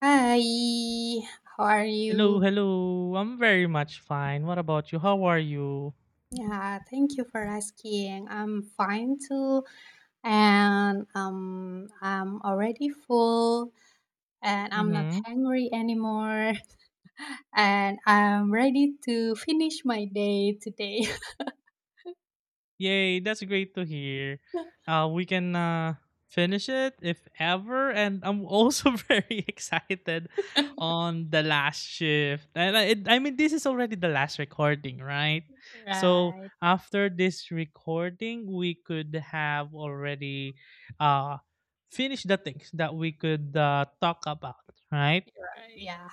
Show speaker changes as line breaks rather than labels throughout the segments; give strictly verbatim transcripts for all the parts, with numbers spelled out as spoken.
Hi, how are you?
Hello, hello. I'm very much fine. What about you? How are you?
Yeah, thank you for asking. I'm fine too, and um, I'm already full, and I'm not
Mm-hmm.
hungry anymore, and I'm ready to finish my day today.
Yay, that's great to hear. Uh, we can uh, finish it if ever. And I'm also very excited on the last shift. And I, it, I mean, this is already the last recording, right? So
Right.
after this recording, we could have already uh, finished the things that we could uh, talk about, right?
right, Yeah.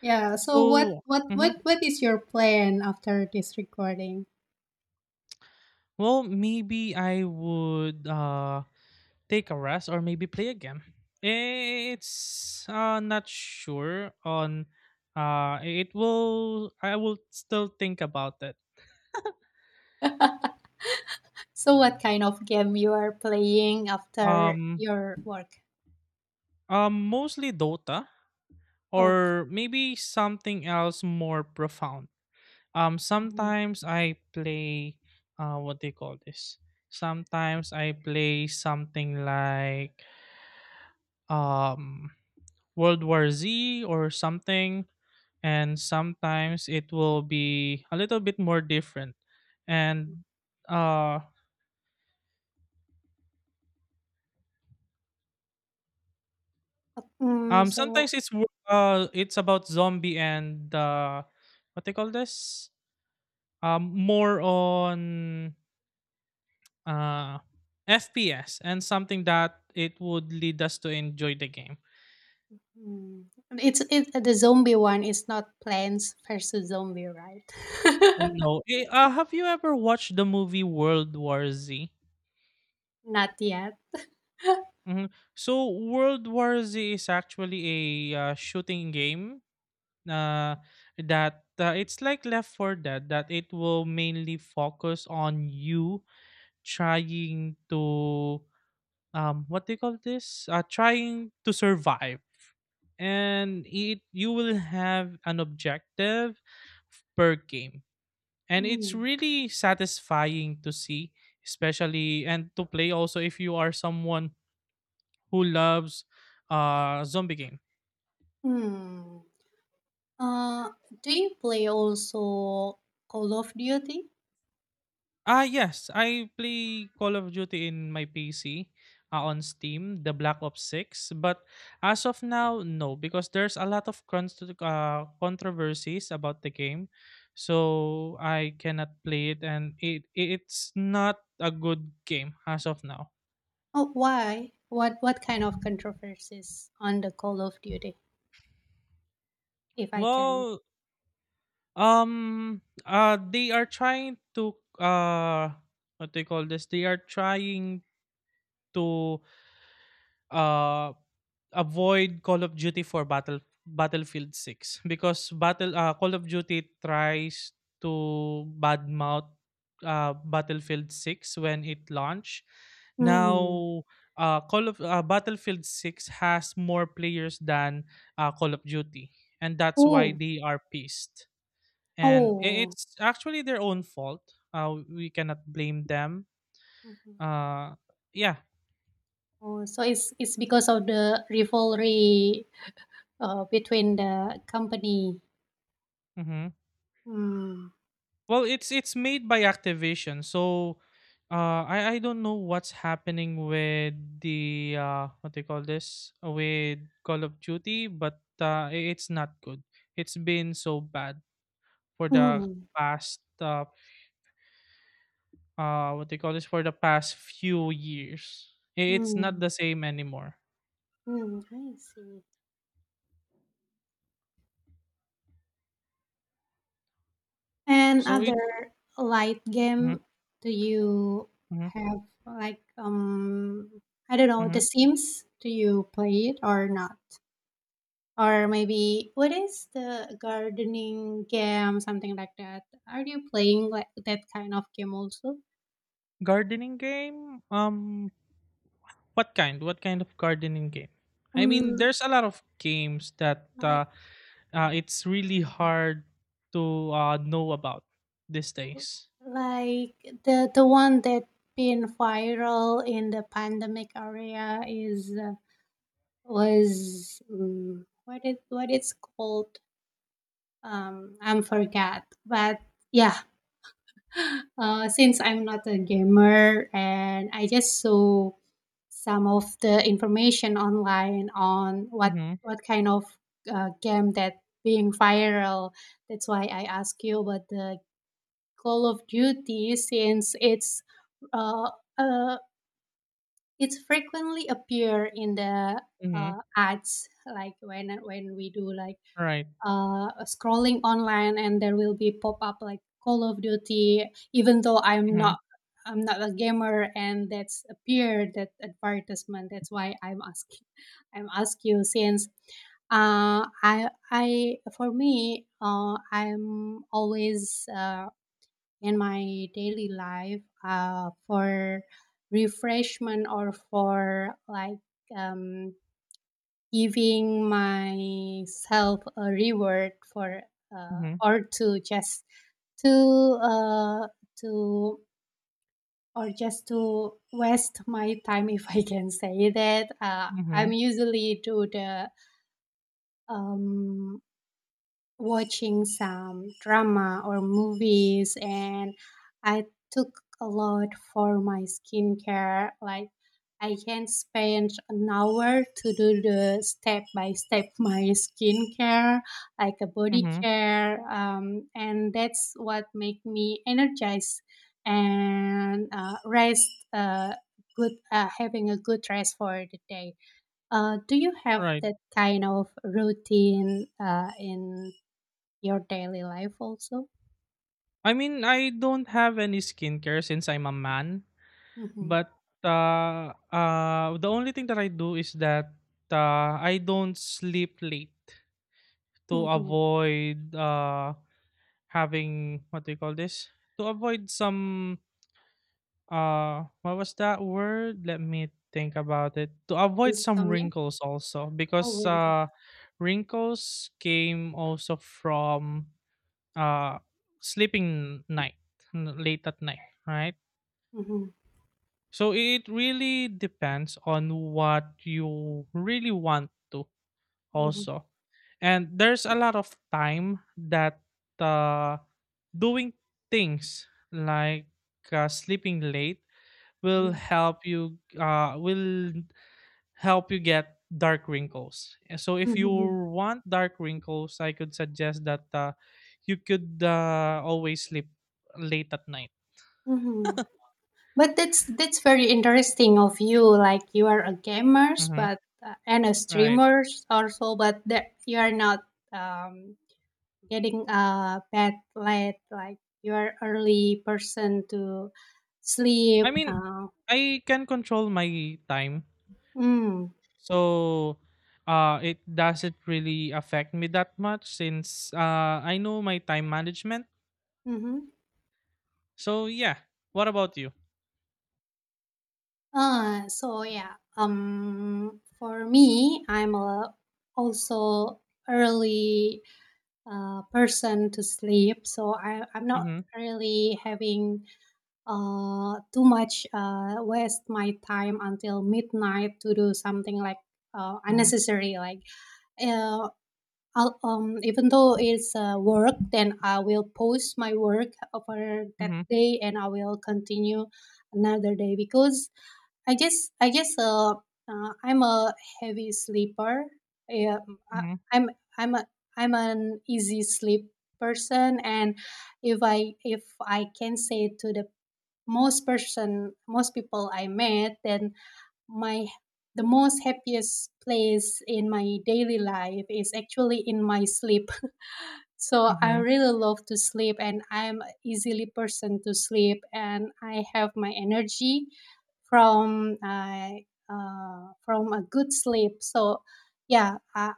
Yeah. So what
So.
what
Mhm.
what what is your plan after this recording?
Well, maybe I would uh take a rest or maybe play again. It's uh not sure on. Uh it will I will still think about it.
So what kind of game you are playing after
Um
your work?
um Mostly Dota
Oh.
or maybe something else more profound. Um
Mhm.
sometimes I play, uh what do you call this? Sometimes I play something like um World War Z or something, and sometimes it will be a little bit more different, and uh
Mm,
um
so
sometimes it's wo- uh it's about zombie, and uh what they call this, um more on uh F P S and something that it would lead us to enjoy the game.
mm, it's it the zombie one is not Plants versus Zombie, right?
And no, eh, uh, have you ever watched the movie World War Z?
Not yet.
Mhm. So World War Z is actually a uh, shooting game, uh, that uh, it's like Left for Dead, that it will mainly focus on you trying to, um what do you call this, uh, trying to survive, and it you will have an objective per game, and it's
Mm.
really satisfying to see, especially and to play also if you are someone who loves uh zombie game.
Hmm. Uh, do you play also Call of Duty?
Ah, yes. I play Call of Duty in my P C, uh, on Steam, the Black Ops six. But as of now, no, because there's a lot of const uh, controversies about the game. So I cannot play it, and it it's not a good game as of now.
Oh, why? What what kind of controversies on the Call of Duty, if I can?
Well, um, uh, they are trying to, uh, what do you call this? They are trying to uh, avoid Call of Duty for Battle Battlefield six, because Battle uh, Call of Duty tries to badmouth uh, Battlefield six when it launched.
Hmm.
Now, uh, Call of uh, Battlefield six has more players than uh, Call of Duty, and that's why
Oh,
they are pissed. And i-
oh.
it's actually their own fault. Uh, we cannot blame them.
Mhm.
Uh, yeah.
Oh, so it's it's because of the rivalry uh, between the company.
Hmm.
Hmm.
Well, it's it's made by Activision, so uh, I I don't know what's happening with the, uh, what they call this, uh, with Call of Duty, but uh, i- it's not good. It's been so bad for the
Mm.
past, uh, uh what they call this, for the past few years. I- It's not
Mm,
the same anymore.
mm, I see. And Yes.
So it's.
Other light
Mhm,
game, do you
mhm,
have like um I don't know, The
mhm.
Sims? Do you play it or not? Or maybe what is the gardening game, something like that? Are you playing like that kind of game also?
Gardening game. Um, what kind? What kind of gardening game? I mean,
Um,
there's a lot of games that.
like
Uh, uh, it's really hard to uh, know about these things.
like the the one that been viral in the pandemic area is uh, was mm, what it what it's called um I'm forget but yeah. Uh since I'm not a gamer and I just saw some of the information online on what
Mm-hmm.
what kind of uh, game that being viral, that's why I ask you about the Call of Duty since it's uh, uh it's frequently appear in the
Mm-hmm.
uh, ads, like when when we do like
Right.
uh, scrolling online and there will be pop up like Call of Duty, even though I'm
Mm-hmm.
not I'm not a gamer and that's appeared that advertisement. That's why I'm asking. I'm ask you since uh, I I for me uh, I'm always uh, in my daily life uh, for refreshment or for like um, giving myself a reward for uh,
Mm-hmm.
or to just to uh, to or just to waste my time, if I can say that, uh, I'm
Mm-hmm.
usually do the um watching some drama or movies, and I took a lot for my skincare. Like I can spend an hour to do the step by step my skincare, like a body
Mm-hmm.
care. Um, and that's what make me energized and uh, rest uh, good uh, having a good rest for the day. Uh, do you have
Right.
that kind of routine uh, in your daily life also?
I mean, I don't have any skincare since I'm a man.
Mhm.
But, uh, uh, the only thing that I do is that, uh, I don't sleep late to
Mhm.
avoid, uh, having, what do you call this? To avoid some, uh, what was that word? Let me think about it. To avoid some
Insomnia?
wrinkles also,
Oh,
because,
wake up.
uh, wrinkles came also from, uh, sleeping night, n- late at night, right?
Mhm.
So it really depends on what you really want to
Mhm.
also. And there's a lot of time that uh, doing things like uh, sleeping late will
Mhm.
help you uh, will help you get dark wrinkles. And so if you
Mhm.
want dark wrinkles, I could suggest that uh, you could uh, always sleep late at night.
Mhm. But that's that's very interesting of you. Like you are a gamers,
Hmm.
but uh, and a
Right.
streamers also, but that you are not um, getting a bad late. Like you are early person to
I
sleep.
mean,
Uh,
I can control my time,
mm,
so uh it doesn't really affect me that much, since uh I know my time management.
mhm.
So yeah. What about you?
Uh, so yeah, um, for me, I'm a, also early uh, person to sleep, so I, I'm not
Mhm.
really having uh, too much uh, waste my time until midnight to do something like uh,
Mhm.
unnecessary. Like uh, I'll, um, even though it's uh, work, then I will post my work for that
Mhm.
day and I will continue another day because I guess I guess uh, uh, I'm a heavy sleeper. Yeah, I,
Mhm.
I'm I'm a I'm an easy sleep person, and if I if I can say to the most person most people I met, then my the most happiest place in my daily life is actually in my sleep, so I
Mhm.
really love to sleep and I'm a easily person to sleep and I have my energy from uh, uh, from a good sleep. So yeah, I,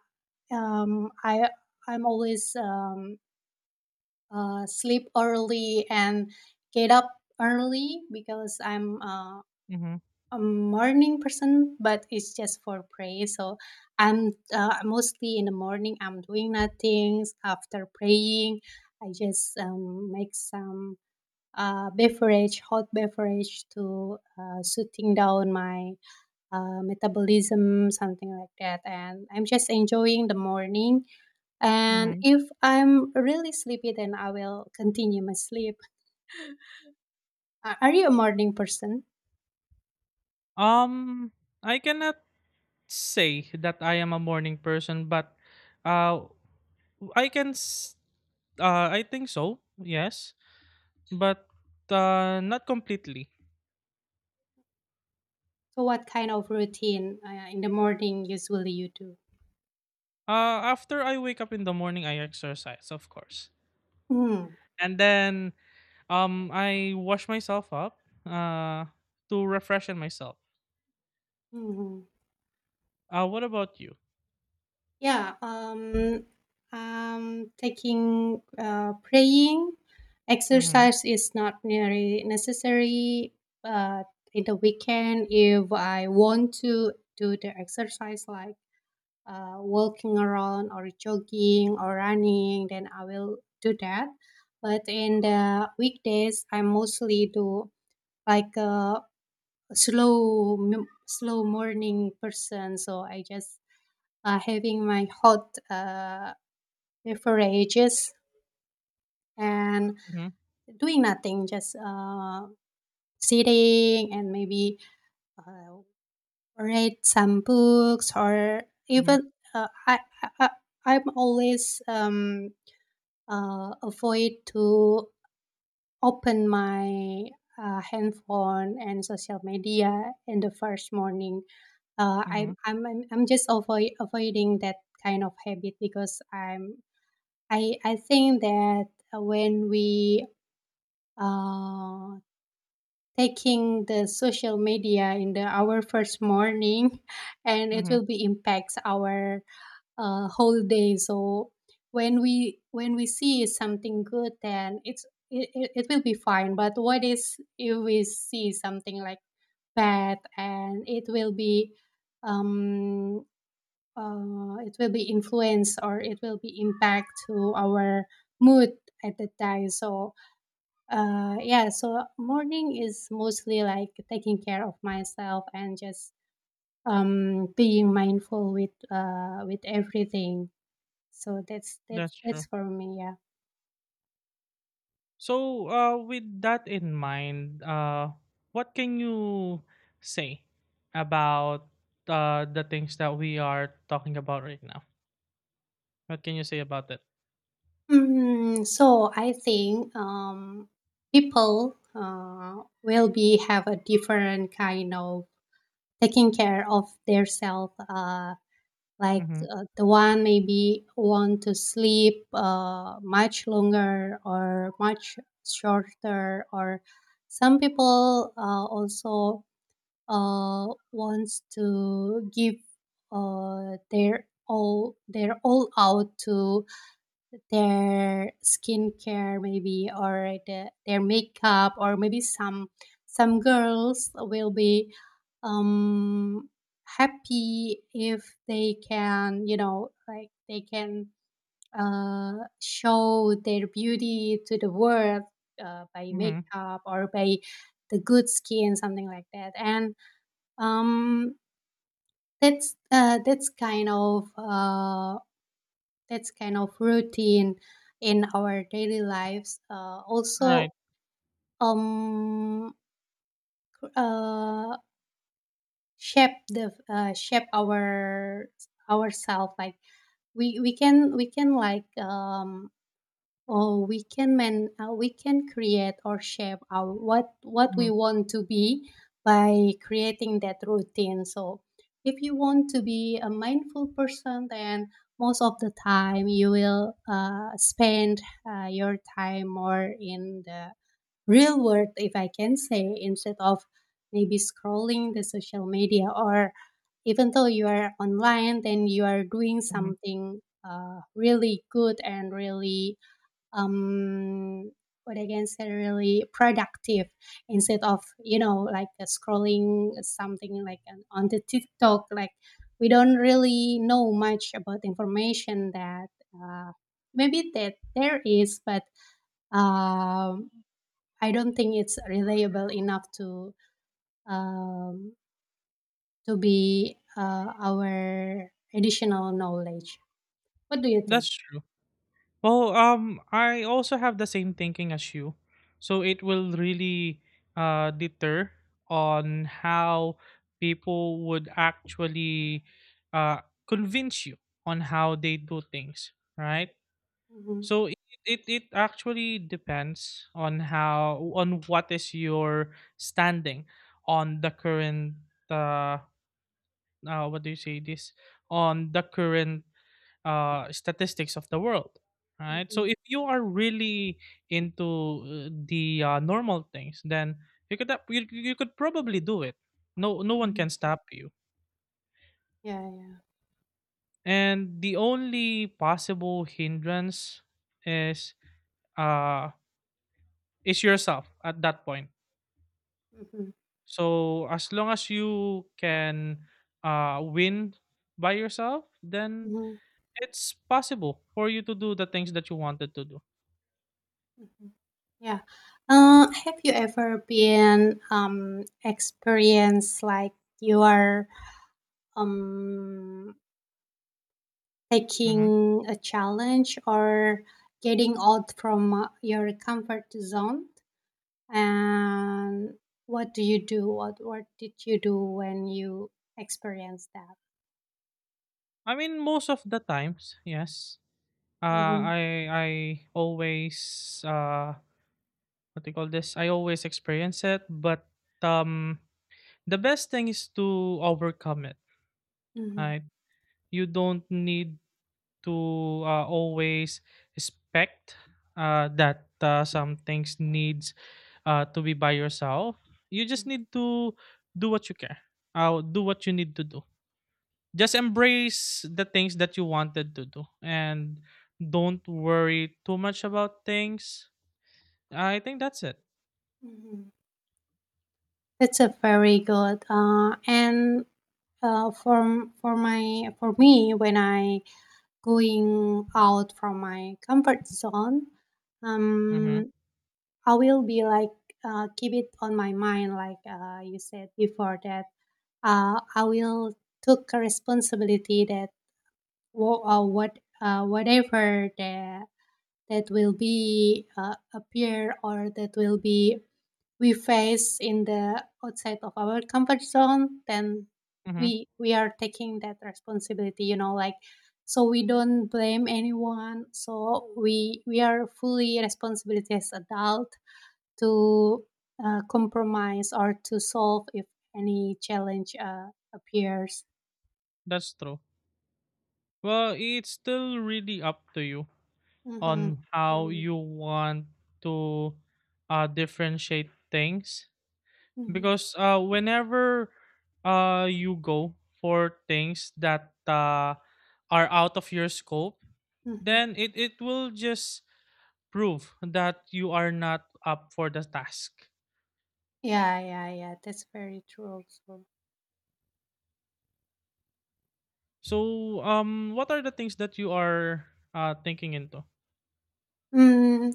um, I I'm always um, uh, sleep early and get up early because I'm uh,
Mhm.
a morning person, but it's just for pray. So I'm uh, mostly in the morning. I'm doing nothing after praying. I just um, make some uh, beverage, hot beverage to uh, soothing down my uh, metabolism, something like that. And I'm just enjoying the morning. And
Mhm.
if I'm really sleepy, then I will continue my sleep. Are are you a morning person?
Um I cannot say that I am a morning person, but uh I can s- uh I think so. Yes. But uh not completely.
So, what kind of routine uh, in the morning usually you do?
Uh after I wake up in the morning, I exercise, of course.
Mhm,
And then, Um, I wash myself up uh to refreshen myself.
mhm.
Uh, what about you?
Yeah, um, um, taking uh, praying
Mhm.
exercise is not very necessary, but in the weekend, if I want to do the exercise like uh, walking around or jogging or running, then I will do that. But in the weekdays, I mostly do like uh, slow m- slow morning person, so I just uh, having my hot uh, beverages and
Mhm.
doing nothing, just uh, sitting and maybe uh, read some books or
Mhm.
even uh, I, I I- I'm always um, uh, avoid to open my uh, handphone and social media in the first morning. Uh, I'm
Mhm.
I'm I'm I'm just avoid avoiding that kind of habit because I'm I I think that when we uh taking the social media in the our first morning, and it
Mhm.
will be impacts our uh whole day. So when we when we see something good, then it's it, it it will be fine. But what is if we see something like bad and it will be um uh, it will be influence or it will be impact to our mood at that time, so uh, yeah, so morning is mostly like taking care of myself and just um, being mindful with uh, with everything, so that's that's
That's
that's
true.
for me yeah.
So, uh with that in mind, uh what can you say about uh the things that we are talking about right now? What can you say about that?
Mm, so I think um, people uh, will be have a different kind of taking care of their self uh, like
Mhm,
uh, the one maybe want to sleep uh, much longer or much shorter, or some people uh, also uh, wants to give uh, their all their all out to their skincare maybe or the, their makeup, or maybe some some girls will be um happy if they can, you know, like they can uh show their beauty to the world uh, by
mhm,
makeup or by the good skin, something like that. And um that's uh that's kind of uh that's kind of routine in our daily lives uh, also
right,
um cr- uh shape the uh, shape our ourself, like we we can we can like um oh, we can man, uh, we can create or shape our what what we
mhm,
want to be by creating that routine. So, if you want to be a mindful person, then most of the time you will uh, spend uh, your time more in the real world, if I can say, instead of maybe scrolling the social media, or even though you are online, then you are doing
mhm,
something uh, really good and really um, what I can say really productive instead of, you know, like uh, scrolling something like an- on the TikTok, like we don't really know much about information that uh, maybe that there is, but um, I don't think it's reliable enough to um, to be uh, our additional knowledge. What do you think?
that's true. Well, um, I also have the same thinking as you, so it will really uh deter on how people would actually uh convince you on how they do things, right?
Mhm,
So it, it it actually depends on how, on what is your standing on the current, uh, uh what do you say this, on the current uh statistics of the world, right? So
mhm,
if you are really into uh, the uh, normal things, then you could ap- you, you could probably do it. No, no one
mhm.
can stop you.
Yeah, yeah.
And the only possible hindrance is, uh is yourself at that point. So as long as you can uh, win by yourself, then
Hmm.
it's possible for you to do the things that you wanted to do.
Mhm. Yeah. Uh, have you ever been um experienced like you are um
Mhm.
taking a challenge or getting out from uh, your comfort zone? And what do you do? What what did you do when you experienced that?
I mean, most of the times, yes. Uh,
Mm-hmm.
I I always, uh, what do you call this? I always experience it, but um, the best thing is to overcome it.
Mm-hmm.
Right? You don't need to uh, always expect uh, that uh, some things needs uh, to be by yourself. You just need to do what you care. Uh, do what you need to do. Just embrace the things that you wanted to do, and don't worry too much about things. I think that's it.
Hmm. That's a very good. Uh, and uh, for for my for me when I going out from my comfort zone,
Mhm.
um I will be like uh, keep it on my mind, like uh, you said before, that uh, I will took a responsibility that wo- uh, what uh, whatever the that will be uh, appear or that will be we face in the outside of our comfort zone, then
Mm-hmm.
we we are taking that responsibility, you know, like, so we don't blame anyone, so we we are fully responsibility as adult to uh, compromise or to solve if any challenge uh, appears.
That's true. Well, it's still really up to you
Mm-hmm.
on how
Really.
you want to uh, differentiate things,
Mm-hmm.
because uh, whenever uh, you go for things that uh, are out of your scope,
Mm-hmm.
then it, it will just prove that you are not up for the task.
Yeah, yeah, yeah, that's very true also.
So, um, what are the things that you are uh, thinking into?
Mm,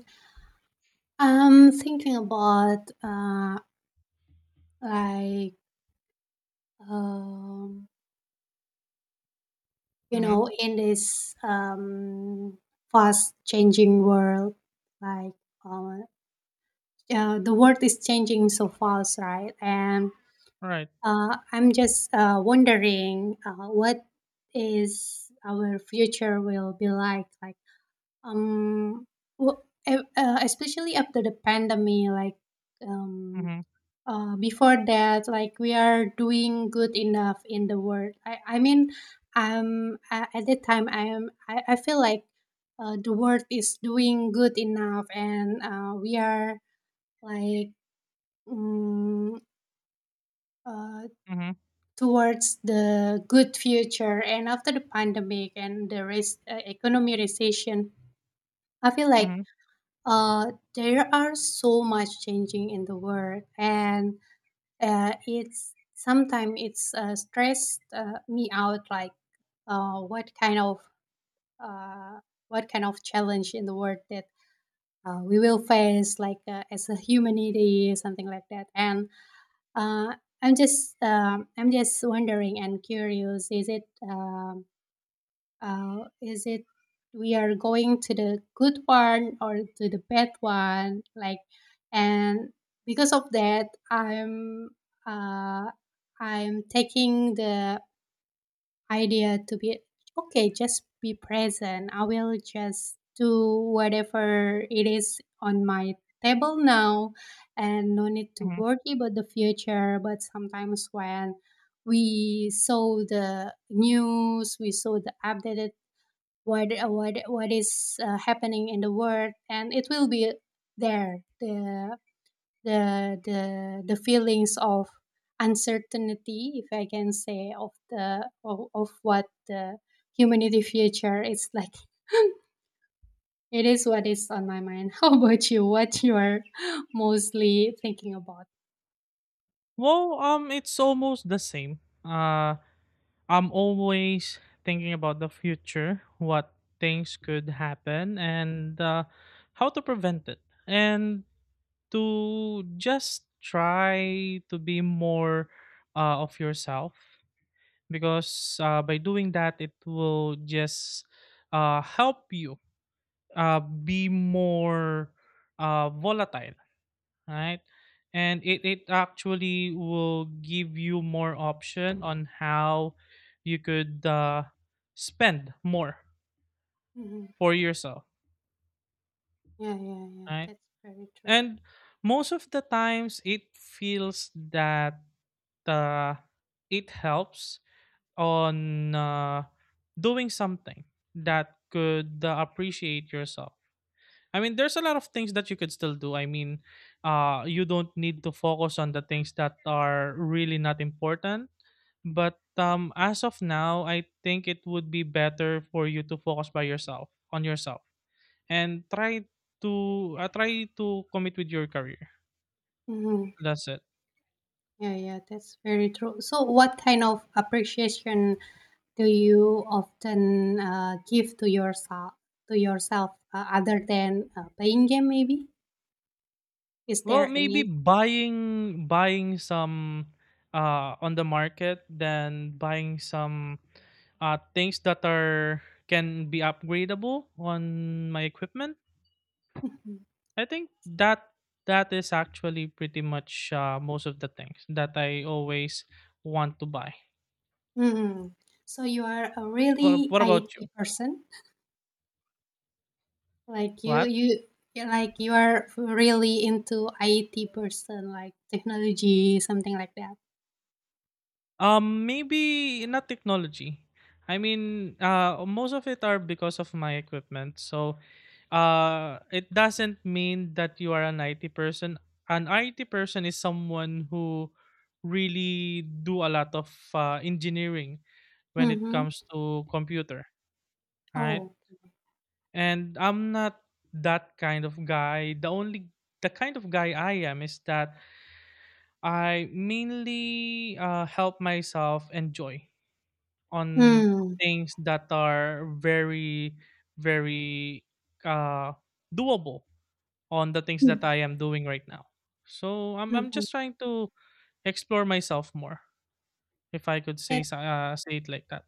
I'm thinking about uh, like um, you
Mm-hmm.
know, in this um, fast changing world, like uh, uh, the world is changing so fast, right? And
Right.
uh, I'm just uh, wondering uh, what is our future will be like, like um, wh- e- uh, especially after the pandemic, like um,
Mm-hmm.
uh, before that, like we are doing good enough in the world, i, I mean, um a- at that time i am i, I feel like uh, the world is doing good enough and uh, we are like mm uh,
Mm-hmm.
towards the good future, and after the pandemic and the res- uh, economy recession, I feel like
Mm-hmm.
uh, there are so much changing in the world and uh, it's sometimes it's uh, stressed uh, me out, like uh, what kind of uh, what kind of challenge in the world that uh, we will face like uh, as a humanity, something like that. And uh, I'm just um I'm just wondering and curious, is it um, uh, is it we are going to the good one or to the bad one? Like, and because of that, I'm uh, I'm taking the idea to be okay. Just be present. I will just do whatever it is on my table now, and no need to worry about the future. But sometimes when we saw the news, we saw the updated what what what is uh, happening in the world, and it will be there the the the the feelings of uncertainty, if I can say, of the of, of what the humanity future is like. It is what is on my mind. How about you? What you are mostly thinking about?
Well, um, it's almost the same. Uh, I'm always thinking about the future, what things could happen, and uh, how to prevent it, and to just try to be more uh, of yourself. Because uh, by doing that, it will just uh, help you uh, be more uh, volatile, right? And it, it actually will give you more option on how you could uh, spend more
Mhm.
for yourself,
Yeah, yeah, yeah,
right?
that's very true.
And most of the times it feels that uh, it helps on uh, doing something that could uh, appreciate yourself. I mean, there's a lot of things that you could still do. I mean, uh, you don't need to focus on the things that are really not important. But um, as of now, I think it would be better for you to focus by yourself on yourself, and try to uh, try to commit with your career.
Mhm.
That's it.
Yeah, yeah, that's very true. So what kind of appreciation do you often uh, give to yourself, to yourself, uh, other than uh, playing game maybe? Is
Well,
there
maybe
any?
buying buying some uh, on the market, then buying some uh, things that are can be upgradable on my equipment.
Mhm.
I think that that is actually pretty much uh, most of the things that I always want to buy.
Mhm. So you are a
What
really
What about you?
I T person, like you
What?
you you- like you are really into I T person, like technology, something like that.
Um, maybe not technology. I mean, uh, most of it are because of my equipment. So, uh, it doesn't mean that you are an I T person. An I T person is someone who really do a lot of uh, engineering when it
Mm-hmm.
comes to computer, right?
Oh.
And I'm not that kind of guy. The only the kind of guy I am is that I mainly uh, help myself enjoy on
Mm.
things that are very, very uh, doable on the things that I am doing right now. So I'm I'm
Mm-hmm.
just trying to explore myself more, if I could say
That,
so- uh, say it like that.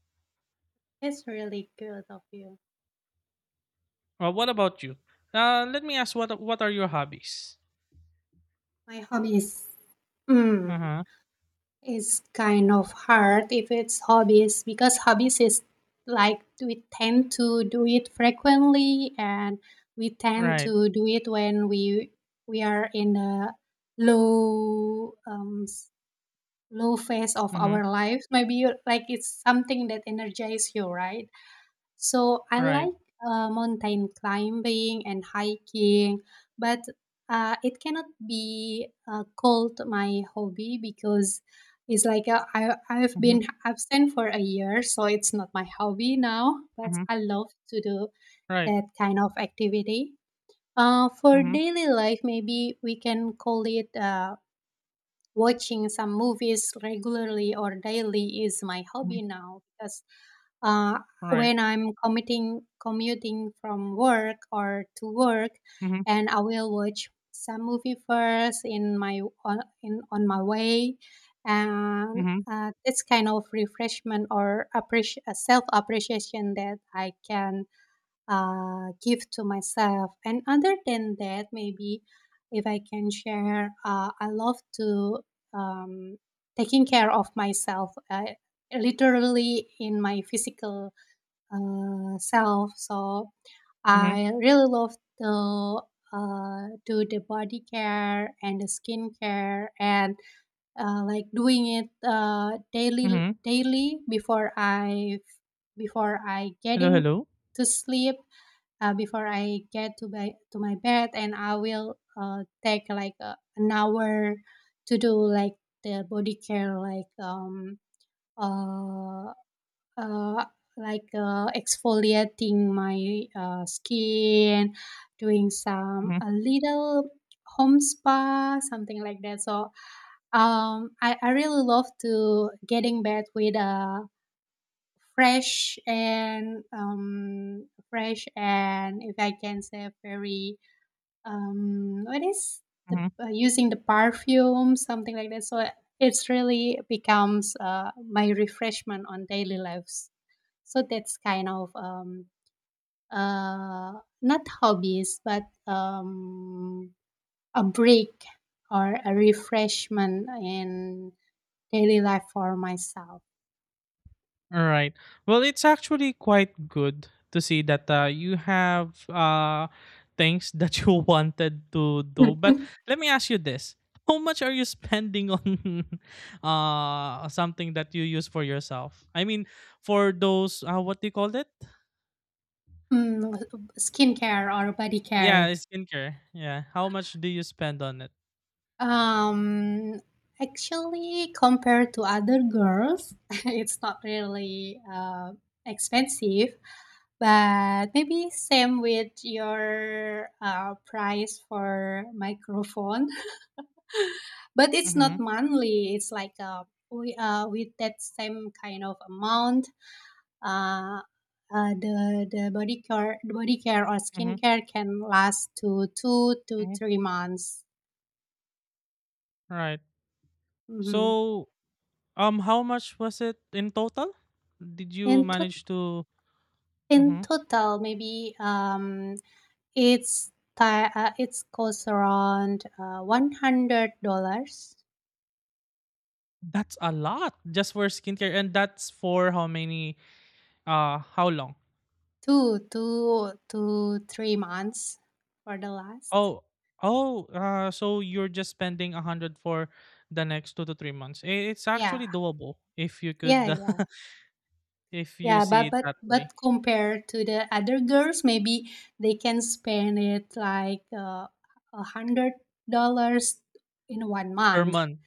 that's really good of you.
Uh, what about you? Uh, let me ask, what what are your hobbies?
My hobbies.
Uh
Mm.
huh.
It's kind of hard if it's hobbies, because hobbies is like we tend to do it frequently, and we tend
Right.
to do it when we we are in a low um s- low phase of
Mm-hmm.
our life. Maybe you like it's something that energizes you, right? So I
Right.
like uh, mountain climbing and hiking, but uh, it cannot be uh, called my hobby, because it's like uh, I, I've
Mhm,
been absent for a year, so it's not my hobby now, but
mhm,
I love to do
right.
that kind of activity. Uh, for
Mhm,
daily life, maybe we can call it uh, watching some movies regularly or daily is my
mhm,
hobby now, because uh,
right.
when I'm commuting commuting from work or to work,
Mhm,
and I will watch some movie first in my on in on my way, and
mhm,
uh, it's kind of refreshment or appreci- self appreciation that I can uh, give to myself. And other than that, maybe if I can share, uh, I love to um, taking care of myself, uh, literally in my physical uh, self. So
mhm,
I really love to uh, do the body care and the skin care, and uh, like doing it uh, daily,
mhm.
daily before I before I
Hello,
getting
hello.
to sleep, uh, before I get to bed, to my bed, and I will uh, take like uh, an hour to do like the body care, like um uh, uh like uh, exfoliating my uh, skin, doing some
Mhm,
a little home spa, something like that. So um, I I really love to getting bed with a fresh and um fresh, and if I can say very um what is the
mhm.
uh, using the perfume, something like that. So it's really becomes uh, my refreshment on daily lives. So that's kind of um uh not hobbies, but um a break or a refreshment in daily life for myself.
All right. Well, it's actually quite good to see that uh, you have uh things that you wanted to do. But let me ask you this: how much are you spending on uh something that you use for yourself? I mean, for those, uh, what do you call it?
Mm, skincare or body
Yeah,
care.
skincare. Yeah. How much do you spend on it?
Um, Actually, compared to other girls, it's not really uh, expensive, but maybe same with your uh, price for microphone. But it's not
Mhm,
monthly. It's like uh, we uh, with that same kind of amount, uh, uh, the the body care the body care or
mhm,
skincare can last to two to
mhm.
three months.
Right.
Hmm.
So, um, how much was it in total? Did you
In to-
manage to?
in
Mhm.
total, maybe um, it's ti- uh, it's cost around uh, one hundred dollars,
That's a lot just for skincare, and that's for how many? Uh, how long?
two two to three months for the last.
Oh, oh. Uh, so you're just spending a hundred for the next two to three months. I- It's
Yeah,
actually doable if you
yeah,
could,
yeah.
if you
Yeah,
see
but
it
but
that way.
but compared to the other girls, maybe they can spend it like uh, a hundred dollars in one
Per
month.
month.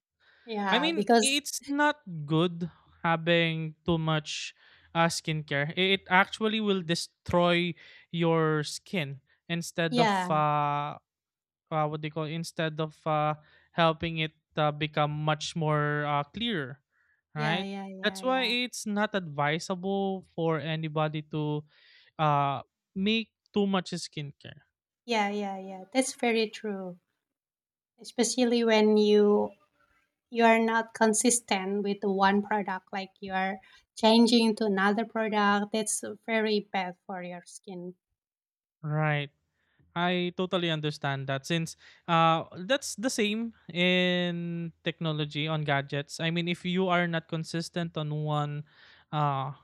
I
Yeah,
mean,
because
it's not good having too much uh, skincare. I- It actually will destroy your skin, instead of,
yeah,
uh, uh what they call, instead of uh helping it uh, become much more uh, clearer,
yeah,
right?
yeah, yeah,
That's why
yeah,
it's not advisable for anybody to uh make too much skincare,
yeah, yeah, yeah. That's very true. Especially when you you are not consistent with the one product, like you are changing to another product. That's very bad for your skin.
right? I totally understand that, since uh that's the same in technology on gadgets. I mean, if you are not consistent on one uh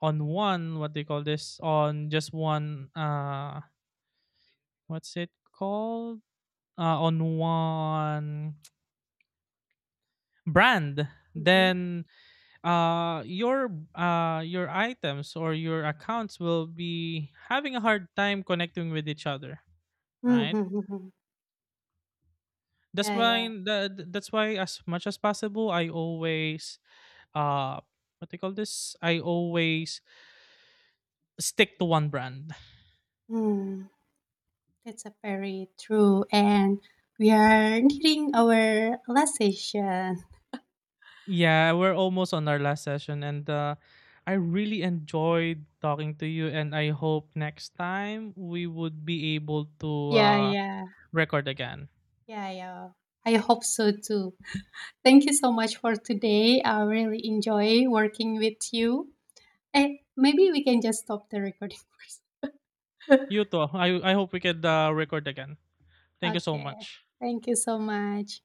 on one, what they call this, on just one, uh what's it called uh on one brand,
Mm-hmm.
then uh your uh your items or your accounts will be having a hard time connecting with each other, right.
Mm-hmm.
That's
Yeah,
why
yeah.
that that's why, as much as possible, I always, uh what do you call this? I always stick to one brand.
Mm. That's a very true. And we are nearing our last session.
Yeah, we're almost on our last session, and uh I really enjoyed talking to you, and I hope next time we would be able to
Yeah,
uh
yeah,
record again.
yeah, yeah. I hope so too. Thank you so much for today. I really enjoy working with you. And maybe we can just stop the recording first.
You too. I I hope we could uh, record again. Thank you so
Okay.
much.
Thank you so much.